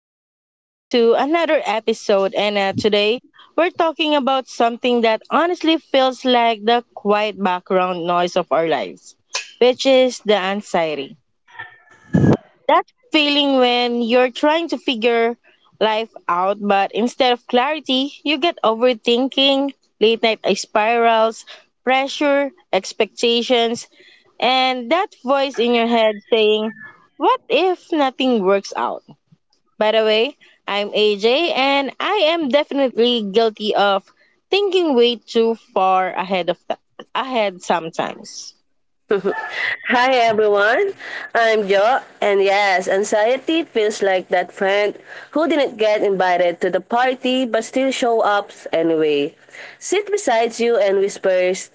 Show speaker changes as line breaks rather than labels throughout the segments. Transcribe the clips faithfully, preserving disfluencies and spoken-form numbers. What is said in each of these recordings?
everyone, to another episode. And uh, today we're talking about something that honestly feels like the quiet background noise of our lives, which is the anxiety. That feeling when you're trying to figure life out, but instead of clarity, you get overthinking, late night spirals, pressure, expectations, and that voice in your head saying, "What if nothing works out?" By the way, I'm A J and I am definitely guilty of thinking way too far ahead of the, ahead sometimes.
Hi everyone, I'm Jo, and yes, anxiety feels like that friend who didn't get invited to the party but still show up anyway. Sit beside you and whispers,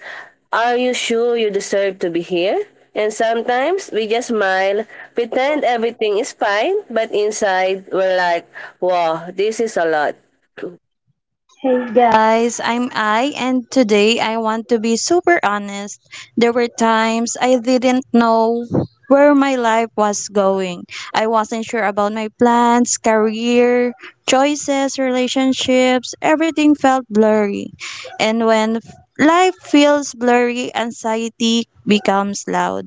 are you sure you deserve to be here? And sometimes we just smile, pretend everything is fine, but inside we're like, wow, this is a lot.
Guys, I'm I, and today I want to be super honest. There were times I didn't know where my life was going. I wasn't sure about my plans, career, choices, relationships, everything felt blurry. And when f- Life feels blurry, anxiety becomes loud.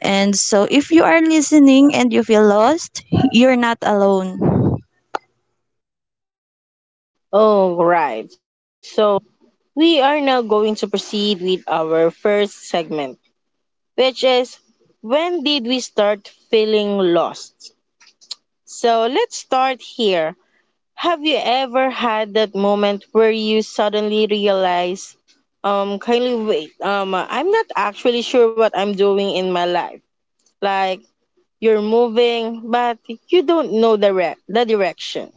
And so, if you are listening and you feel lost, you're not alone.
All right. So, we are now going to proceed with our first segment, which is, when did we start feeling lost? So let's start here. Have you ever had that moment where you suddenly realize, um kindly wait, um I'm not actually sure what I'm doing in my life, like, you're moving, but you don't know the re- the direction.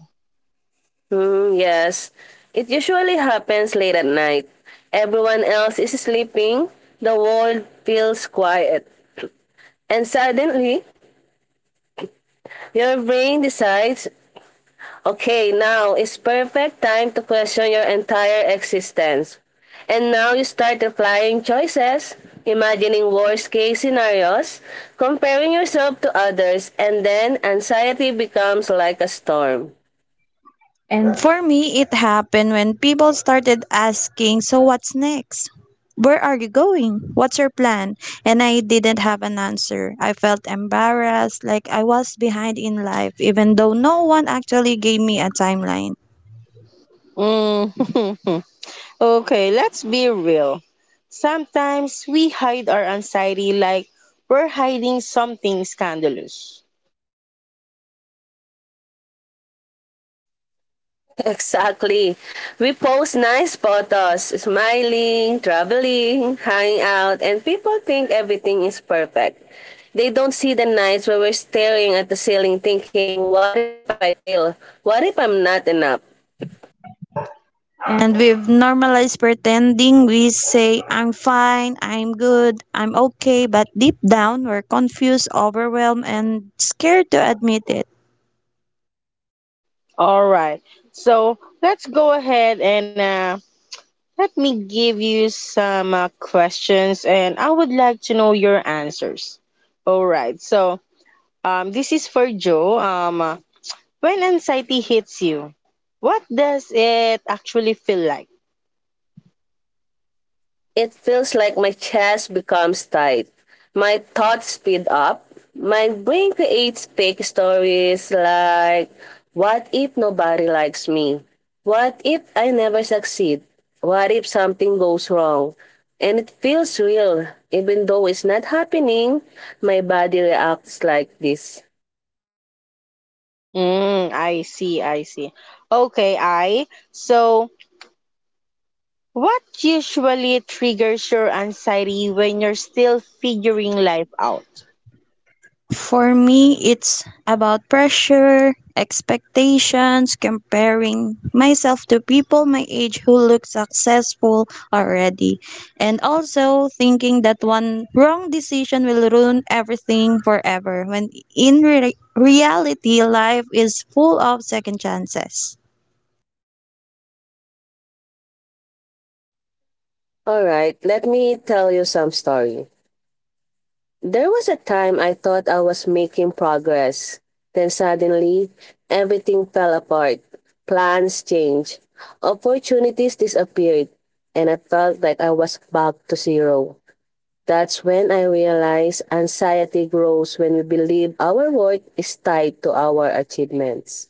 Hmm, yes. It usually happens late at night. Everyone else is sleeping, the world feels quiet. And suddenly, your brain decides, okay, now is perfect time to question your entire existence. And now you start applying choices, imagining worst case scenarios, comparing yourself to others, and then anxiety becomes like a storm.
And for me, it happened when people started asking, so what's next? Where are you going? What's your plan? And I didn't have an answer. I felt embarrassed, like I was behind in life, even though no one actually gave me a timeline.
Mm. Okay, let's be real. Sometimes we hide our anxiety like we're hiding something scandalous.
Exactly. We post nice photos, smiling, traveling, hanging out, and people think everything is perfect. They don't see the nights where we're staring at the ceiling thinking, what if I fail? What if I'm not enough?
And we've normalized pretending. We say, I'm fine, I'm good, I'm okay, but deep down, we're confused, overwhelmed, and scared to admit it.
All right, so let's go ahead and uh, let me give you some uh, questions, and I would like to know your answers. All right, so um, this is for Joe. Um, uh, When anxiety hits you, what does it actually feel like?
It feels like my chest becomes tight. My thoughts speed up. My brain creates fake stories like, what if nobody likes me? What if I never succeed? What if something goes wrong? And it feels real. Even though it's not happening, my body reacts like this.
Mm, I see, I see. Okay, I. So, what usually triggers your anxiety when you're still figuring life out?
For me, it's about pressure, expectations, comparing myself to people my age who look successful already, and also thinking that one wrong decision will ruin everything forever, when in re- reality, life is full of second chances.
Alright, let me tell you some story. There was a time I thought I was making progress. Then suddenly, everything fell apart. Plans changed. Opportunities disappeared. And I felt like I was back to zero. That's when I realized anxiety grows when we believe our worth is tied to our achievements.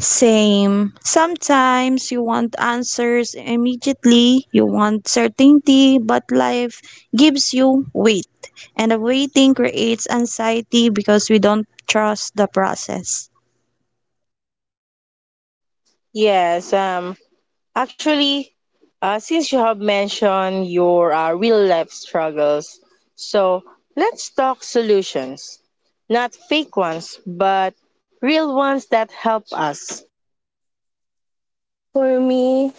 Same. Sometimes you want answers immediately, you want certainty, but life gives you wait. And the waiting creates anxiety because we don't trust the process.
Yes, um, Actually, uh, since you have mentioned your uh, real life struggles, so let's talk solutions. Not fake ones, but real ones that help us.
For me,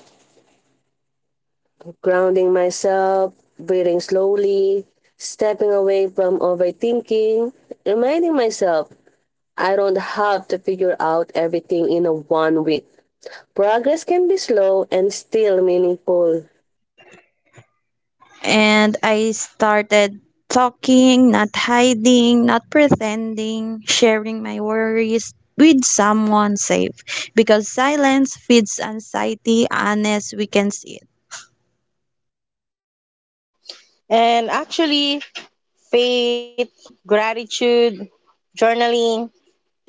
grounding myself, breathing slowly, stepping away from overthinking, reminding myself I don't have to figure out everything in a one week. Progress can be slow and still meaningful.
And I started talking, not hiding, not pretending, sharing my worries with someone safe because silence feeds anxiety unless we can see it.
And actually, faith, gratitude, journaling,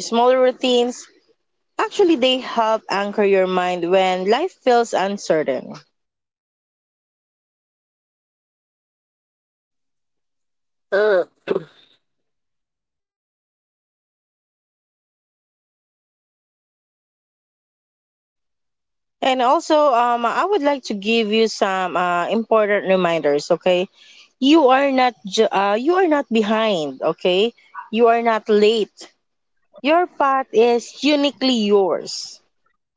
small routines. Actually, they help anchor your mind when life feels uncertain.
Uh,
And also, um, I would like to give you some uh, important reminders. Okay, you are not ju- uh, you are not behind. Okay, you are not late. Your path is uniquely yours.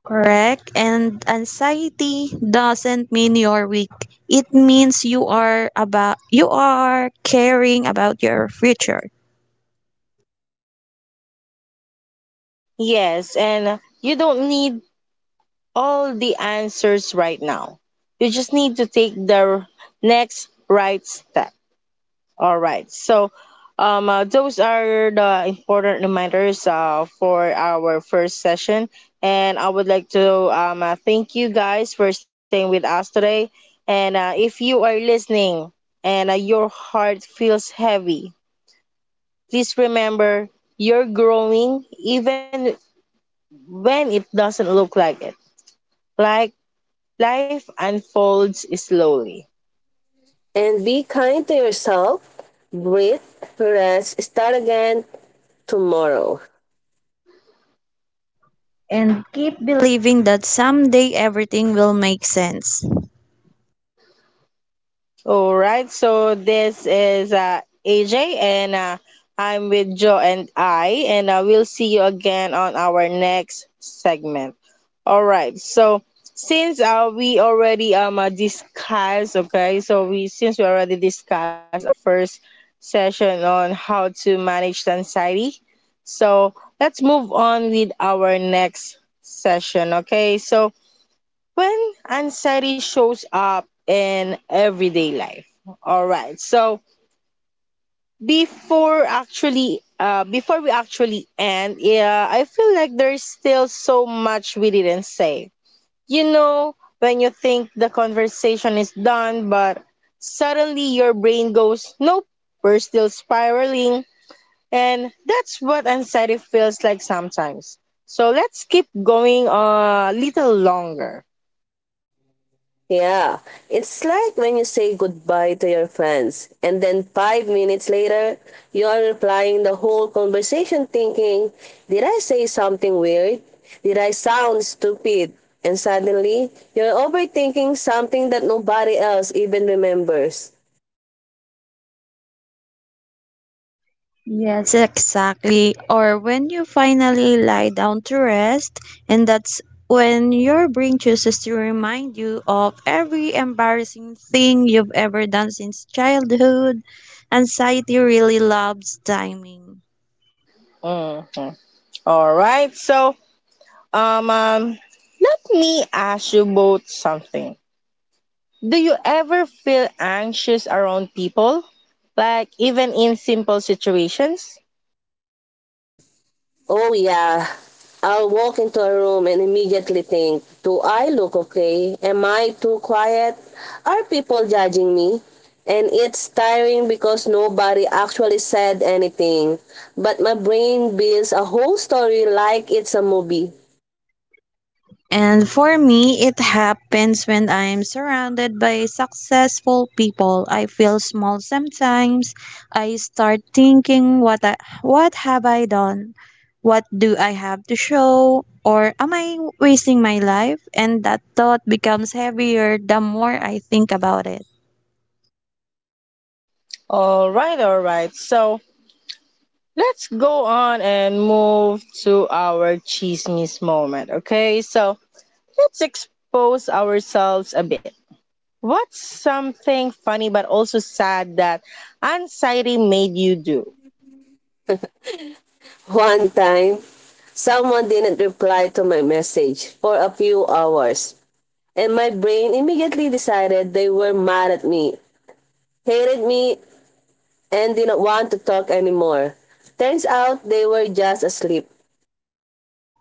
Correct. And anxiety doesn't mean you're weak. It means you are about you are caring about your future,
Yes, and you don't need all the answers right now. You just need to take the next right step. All right. So, um, uh, those are the important reminders uh, for our first session. And I would like to um, uh, thank you guys for staying with us today. And uh, if you are listening and uh, your heart feels heavy, please remember you're growing even when it doesn't look like it. Like, life unfolds slowly.
and be kind to yourself. Breathe, rest, start again tomorrow.
and keep believing that someday everything will make sense.
All right, so this is uh, A J, and uh, I'm with Joe and I, and uh, we'll see you again on our next segment. All right, so since uh, we already um uh, discussed, okay, so we since we already discussed our first session on how to manage anxiety, so let's move on with our next session, okay? So, when anxiety shows up in everyday life. All right. So before actually, uh, before we actually end, yeah, I feel like there's still so much we didn't say. You know, when you think the conversation is done, but suddenly your brain goes, nope, we're still spiraling. And that's what anxiety feels like sometimes. So let's keep going a little longer.
Yeah, it's like when you say goodbye to your friends, and then five minutes later, you are replying the whole conversation thinking, did I say something weird? Did I sound stupid? And suddenly, you're overthinking something that nobody else even remembers.
Yes, exactly. Or when you finally lie down to rest, and that's when your brain chooses to remind you of every embarrassing thing you've ever done since childhood. Anxiety really loves timing.
Mhm. All right. So, um, um, let me ask you both something. Do you ever feel anxious around people? Like even in simple situations?
Oh, yeah. I'll walk into a room and immediately think, do I look okay? Am I too quiet? Are people judging me? And it's tiring because nobody actually said anything. But my brain builds a whole story like it's a movie.
And for me, it happens when I'm surrounded by successful people. I feel small sometimes. I start thinking, what I, what have I done? What do I have to show? Or am I wasting my life? And that thought becomes heavier the more I think about it.
All right, all right. So, let's go on and move to our chismis moment, okay? So, let's expose ourselves a bit. What's something funny but also sad that anxiety made you do?
One time, someone didn't reply to my message for a few hours. And my brain immediately decided they were mad at me, hated me, and didn't want to talk anymore. Turns out they were just asleep.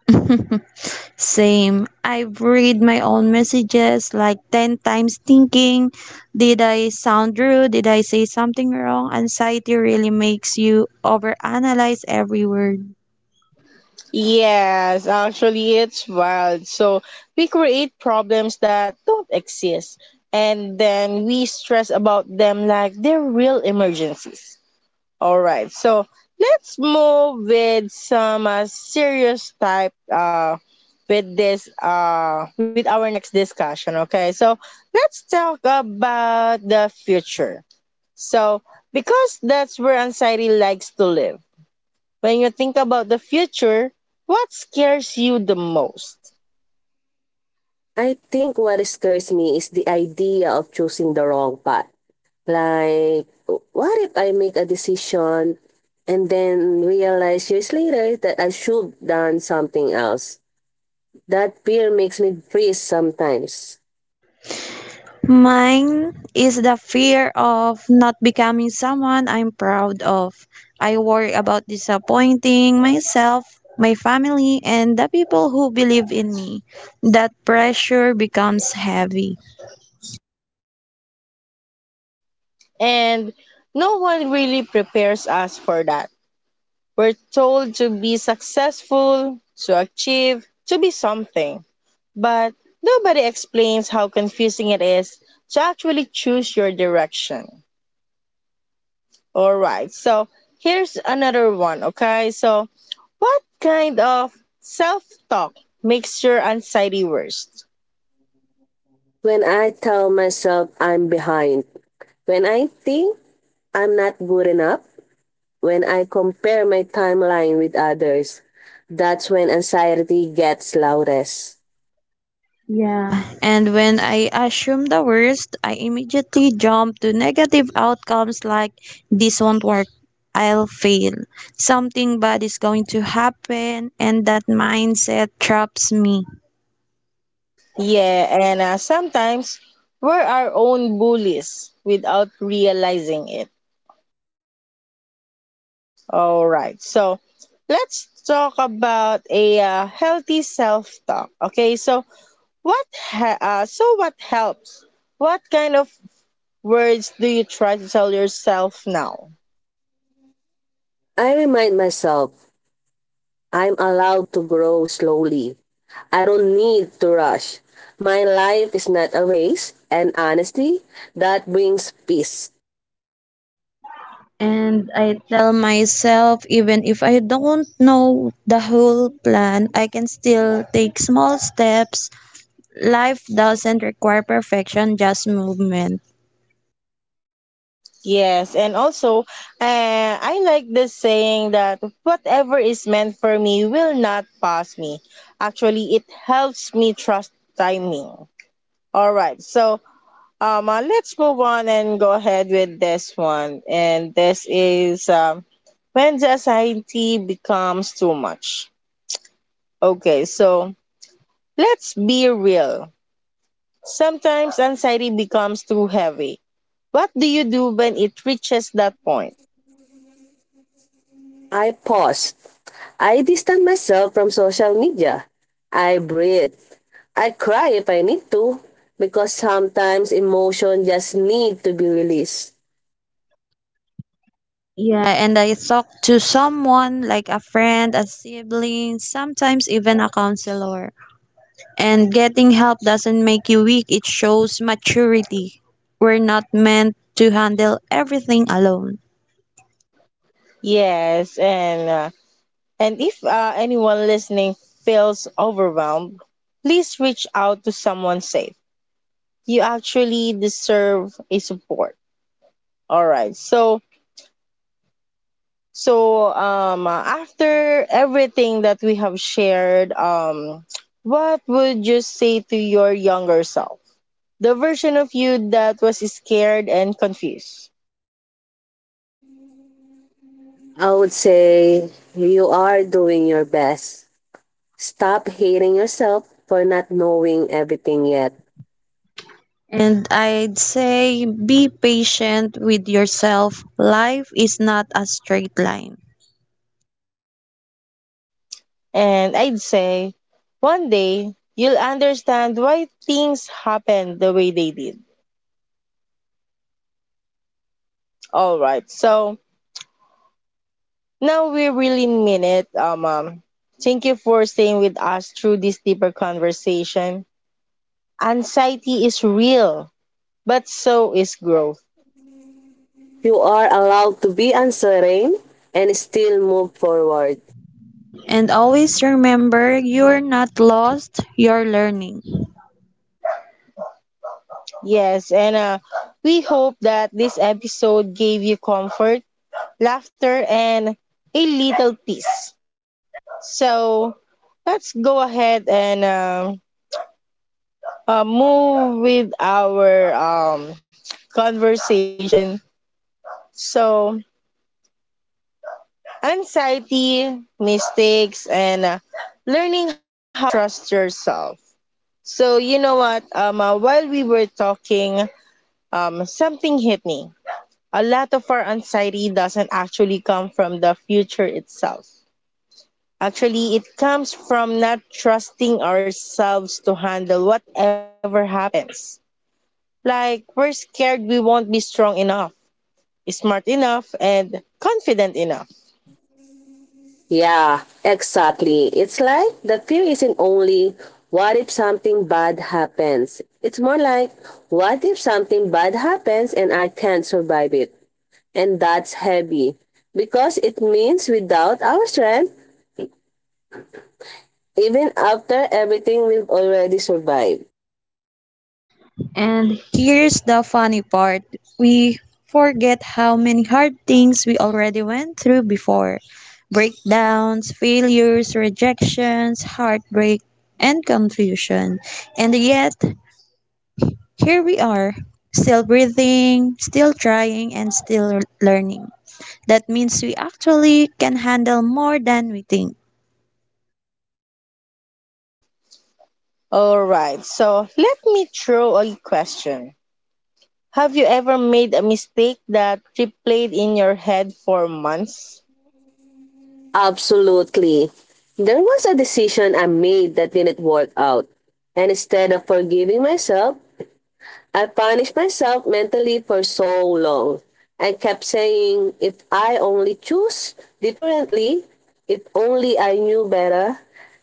Same. I've read my own messages like ten times thinking, did I sound rude? Did I say something wrong? Anxiety really makes you overanalyze every word.
Yes, actually, it's wild. So we create problems that don't exist, and then we stress about them like they're real emergencies. All right, so let's move with some uh, serious type uh, with this uh, with our next discussion. Okay, so let's talk about the future. So because that's where anxiety likes to live, when you think about the future, what scares you the most?
I think what scares me is the idea of choosing the wrong path. Like, what if I make a decision and then realize years later that I should have done something else? That fear makes me freeze sometimes.
Mine is the fear of not becoming someone I'm proud of. I worry about disappointing myself, my family, and the people who believe in me. That pressure becomes heavy.
And no one really prepares us for that. We're told to be successful, to achieve, to be something. But nobody explains how confusing it is to actually choose your direction. All right, so here's another one, okay? So, what kind of self talk makes your anxiety worse?
When I tell myself I'm behind, when I think I'm not good enough, when I compare my timeline with others, that's when anxiety gets loudest.
Yeah. And when I assume the worst, I immediately jump to negative outcomes like this won't work, I'll fail, something bad is going to happen, and that mindset traps me.
Yeah, and uh, sometimes we're our own bullies without realizing it. All right, so let's talk about a uh, healthy self-talk. Okay, so what? Ha- uh, so what helps? What kind of words do you try to tell yourself now?
I remind myself I'm allowed to grow slowly. I don't need to rush. My life is not a race, and honestly, that brings peace.
And I tell myself, even if I don't know the whole plan, I can still take small steps. Life doesn't require perfection, just movement.
Yes, and also, uh, I like this saying that whatever is meant for me will not pass me. Actually, it helps me trust timing. All right. So um, uh, let's move on and go ahead with this one. And this is um, when just anxiety becomes too much. Okay. So let's be real. Sometimes anxiety becomes too heavy. What do you do when it reaches that point?
I pause. I distance myself from social media. I breathe. I cry if I need to, because sometimes emotion just need to be released.
Yeah, and I talk to someone like a friend, a sibling, sometimes even a counselor. And getting help doesn't make you weak, it shows maturity. We're not meant to handle everything alone.
Yes. And uh, and if uh, anyone listening feels overwhelmed, please reach out to someone safe. You actually deserve a support. All right. So So um uh, after everything that we have shared, um what would you say to your younger self? The version of you that was scared and confused.
I would say you are doing your best. Stop hating yourself for not knowing everything yet.
And I'd say be patient with yourself. Life is not a straight line.
And I'd say one day you'll understand why things happened the way they did. All right. So now we really mean it. Um, um thank you for staying with us through this deeper conversation. Anxiety is real, but so is growth.
You are allowed to be uncertain and still move forward.
And always remember, you're not lost, you're learning.
Yes, and uh, we hope that this episode gave you comfort, laughter, and a little peace. So let's go ahead and um, uh, move with our um, conversation. So, anxiety, mistakes, and uh, learning how to trust yourself. So, you know what? Um, uh, while we were talking, um, something hit me, a lot of our anxiety doesn't actually come from the future itself. Actually, it comes from not trusting ourselves to handle whatever happens. Like, we're scared we won't be strong enough, smart enough, and confident enough.
Yeah, exactly. It's like the fear isn't only what if something bad happens. It's more like what if something bad happens and I can't survive it. And that's heavy because it means without our strength, even after everything we've already survived.
And here's the funny part, we forget how many hard things we already went through before: breakdowns, failures, rejections, heartbreak, and confusion. And yet, here we are, still breathing, still trying, and still learning. That means we actually can handle more than we think.
Alright, so let me throw a question. Have you ever made a mistake that replayed in your head for months?
Absolutely. There was a decision I made that didn't work out. And instead of forgiving myself, I punished myself mentally for so long. I kept saying, if I only choose differently, if only I knew better,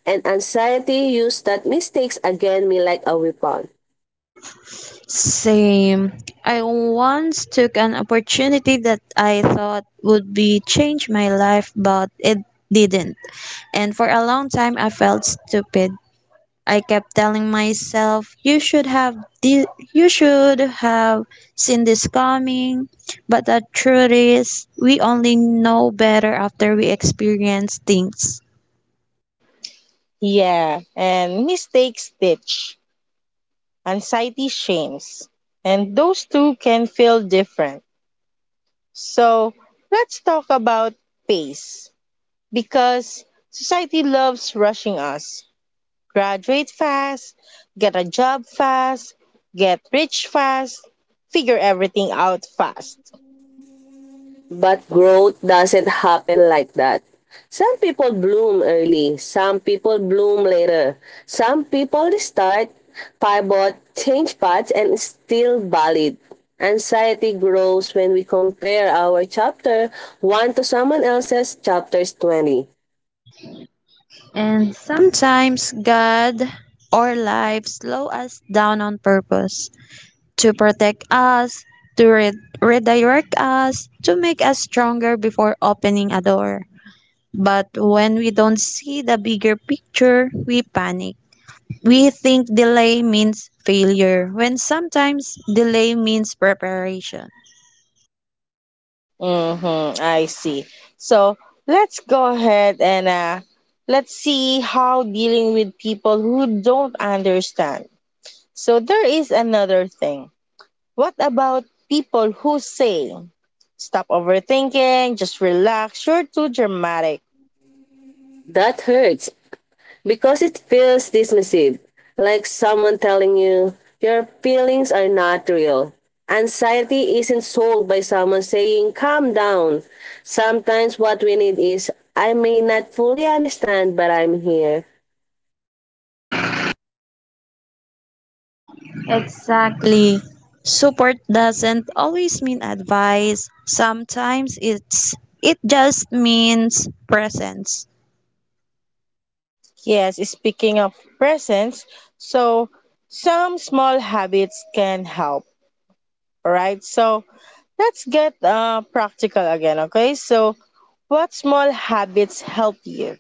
and anxiety used that mistakes against me like a weapon.
Same. I once took an opportunity that I thought would be change my life, but it didn't. And for a long time, I felt stupid. I kept telling myself, "You should have, di- you should have seen this coming." But the truth is, we only know better after we experience things.
Yeah, and mistakes stitch. Anxiety, shames. And those two can feel different. So let's talk about pace, because society loves rushing us. Graduate fast, get a job fast, get rich fast, figure everything out fast.
But growth doesn't happen like that. Some people bloom early, some people bloom later. Some people start, pivot, change paths, and is still valid. Anxiety grows when we compare our chapter one to someone else's chapters twenty.
And sometimes God or life slow us down on purpose, to protect us, to re- redirect us, to make us stronger before opening a door. But when we don't see the bigger picture, we panic. We think delay means failure, when sometimes delay means preparation.
Mm-hmm, I see. So let's go ahead and uh, let's see how dealing with people who don't understand. So there is another thing, what about people who say, stop overthinking, just relax, you're too dramatic?
That hurts because it feels dismissive, like someone telling you your feelings are not real. Anxiety isn't solved by someone saying, calm down. Sometimes what we need is, I may not fully understand, but I'm here.
Exactly. Support doesn't always mean advice. Sometimes it's it just means presence.
Yes, speaking of presence, so some small habits can help, right? So let's get uh, practical again, okay? So, what small habits help you?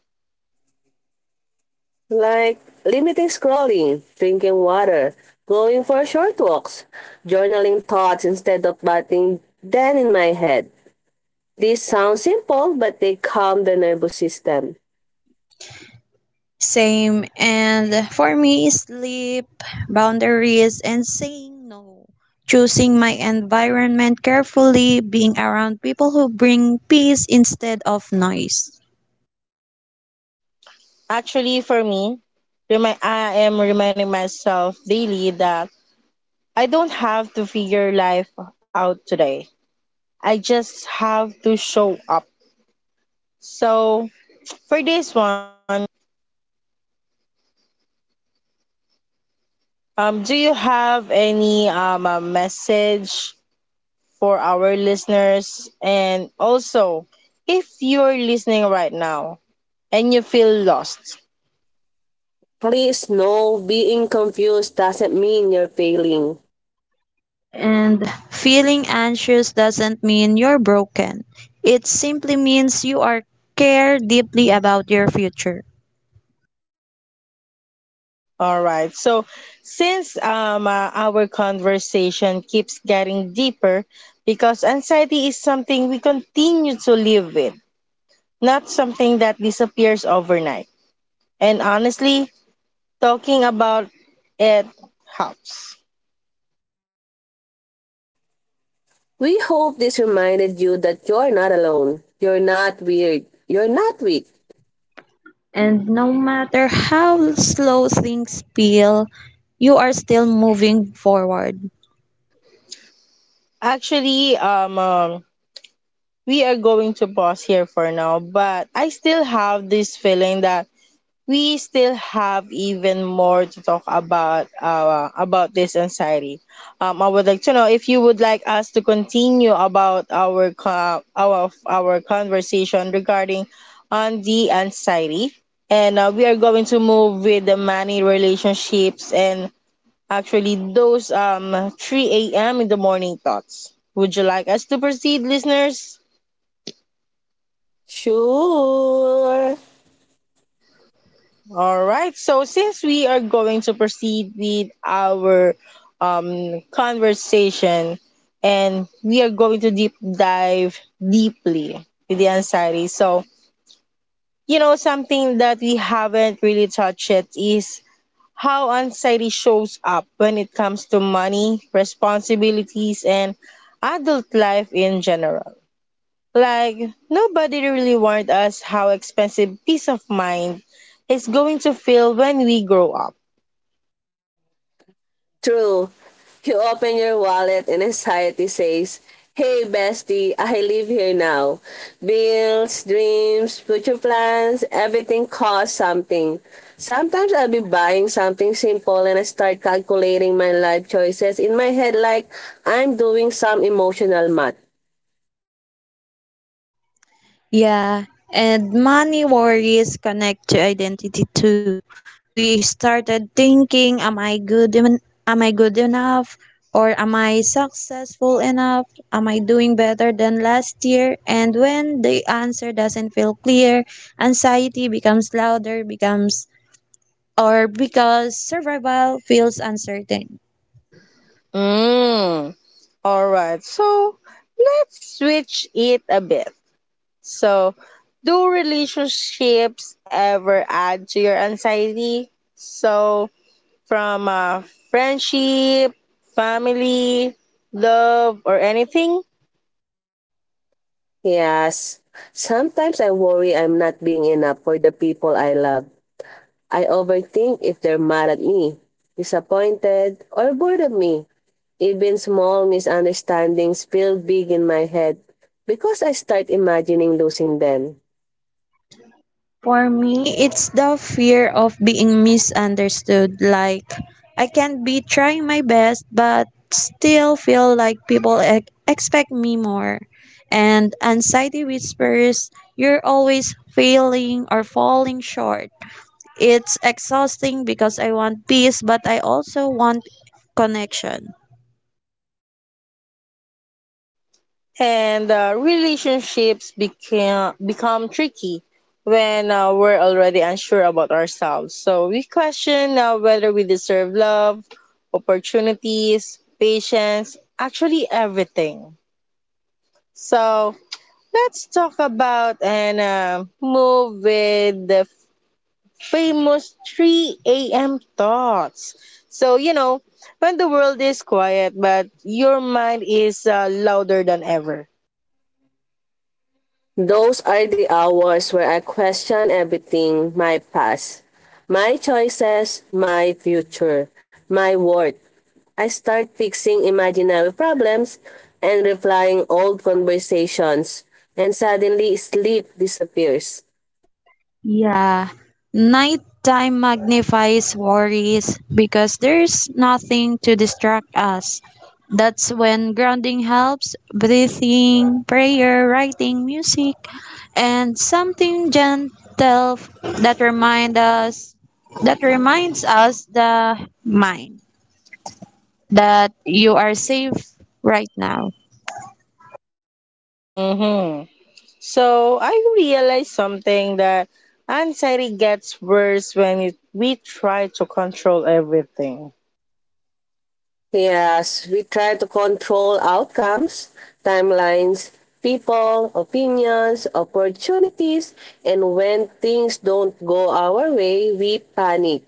Like limiting scrolling, drinking water, going for short walks, journaling thoughts instead of batting them in my head. These sound simple, but they calm the nervous system.
Same. And for me, sleep, boundaries, and saying no. Choosing my environment carefully, being around people who bring peace instead of noise.
Actually, for me, remi- I am reminding myself daily that I don't have to figure life out today. I just have to show up. So for this one, um, do you have any um, uh, message for our listeners? And also, if you're listening right now and you feel lost,
Please know being confused doesn't mean you're failing.
And feeling anxious doesn't mean you're broken, it simply means you are care deeply about your future.
all right. So since um, uh, our conversation keeps getting deeper, because anxiety is something we continue to live with, not something that disappears overnight. And honestly, talking about it helps.
We hope this reminded you that you're not alone. You're not weird. You're not weak.
And no matter how slow things feel, you are still moving forward.
Actually, um, um, we are going to pause here for now, but I still have this feeling that we still have even more to talk about uh, about this anxiety. Um, I would like to know if you would like us to continue about our co- our our conversation regarding on the anxiety, and uh, we are going to move with the money relationships and actually those um three a m in the morning thoughts. Would you like us to proceed, listeners?
Sure.
All right. So since we are going to proceed with our um conversation, and we are going to deep dive deeply with the anxiety. So you know, something that we haven't really touched yet is how anxiety shows up when it comes to money, responsibilities, and adult life in general. Like, nobody really warned us how expensive peace of mind is going to feel when we grow up.
True. You open your wallet and anxiety says, hey bestie, I live here now. Bills, dreams, future plans, everything costs something. Sometimes I'll be buying something simple and I start calculating my life choices in my head like I'm doing some emotional math.
Yeah, and money worries connect to identity too. We started thinking, am I good en- am I good enough, or am I successful enough? Am I doing better than last year? And when the answer doesn't feel clear, anxiety becomes louder becomes, or because survival feels uncertain.
Mm. Alright, so let's switch it a bit. So, do relationships ever add to your anxiety? So, from uh, friendship, family, love, or anything?
Yes. Sometimes I worry I'm not being enough for the people I love. I overthink if they're mad at me, disappointed, or bored of me. Even small misunderstandings feel big in my head because I start imagining losing them.
For me, it's the fear of being misunderstood. Like, I can be trying my best, but still feel like people e- expect me more. And anxiety whispers, you're always failing or falling short. It's exhausting because I want peace, but I also want connection.
And uh, Relationships became become tricky when uh, we're already unsure about ourselves. So we question uh, whether we deserve love, opportunities, patience, actually everything. So let's talk about and uh, move with the famous three a m thoughts. So you know, when the world is quiet, but your mind is uh, louder than ever.
Those are the hours where I question everything my past, my choices, my future, my worth. I start fixing imaginary problems and replying old conversations, and suddenly sleep disappears.
Yeah. Nighttime magnifies worries because there's nothing to distract us. That's when grounding helps, breathing, prayer, writing, music, and something gentle that remind us that reminds us the mind that you are safe right now.
Mm-hmm. So I realized something, that anxiety gets worse when you, we try to control everything.
Yes, we try to control outcomes, timelines, people, opinions, opportunities, and when things don't go our way, we panic.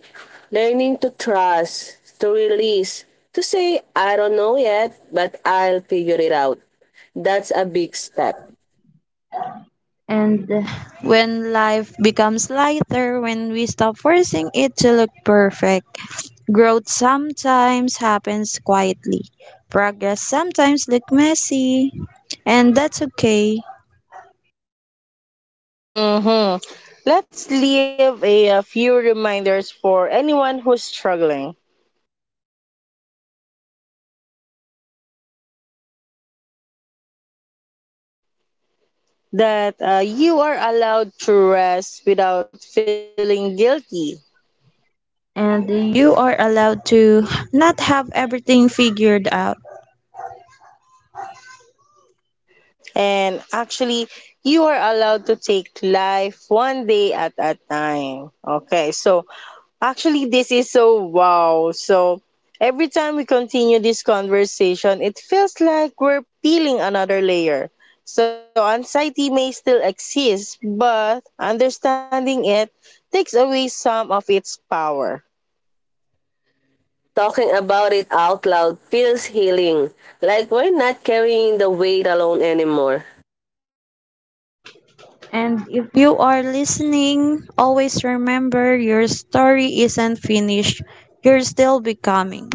Learning to trust, to release, to say, I don't know yet, but I'll figure it out. That's a big step.
And when life becomes lighter, when we stop forcing it to look perfect, growth sometimes happens quietly. Progress sometimes look messy, and that's okay.
Hmm. Let's leave a, uh, few reminders for anyone who's struggling, that uh, you are allowed to rest without feeling guilty.
And you are allowed to not have everything figured out.
And actually, you are allowed to take life one day at a time. Okay, so actually, this is so wow. So, every time we continue this conversation, it feels like we're peeling another layer. So, anxiety may still exist, but understanding it takes away some of its power.
Talking about it out loud feels healing, like we're not carrying the weight alone anymore.
And if you are listening, always remember your story isn't finished. You're still becoming.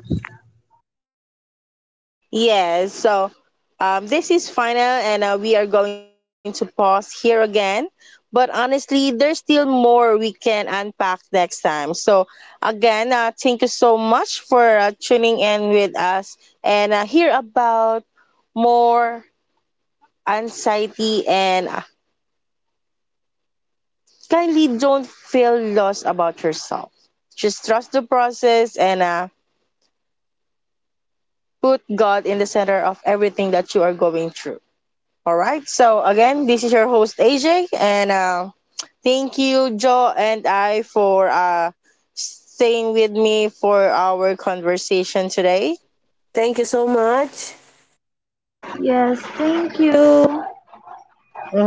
Yes, so um, this is final, and uh, we are going to pause here again. But honestly, there's still more we can unpack next time. So, again, uh, thank you so much for uh, tuning in with us and uh, hear about more anxiety. And uh, kindly don't feel lost about yourself. Just trust the process and uh, put God in the center of everything that you are going through. All right. So again, this is your host A J, and uh, thank you, Joe and I, for uh, staying with me for our conversation today.
Thank you so much.
Yes, thank you.
Hmm.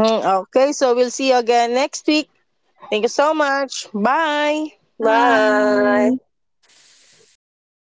Okay. So we'll see you again next week. Thank you so much. Bye.
Bye.
Bye.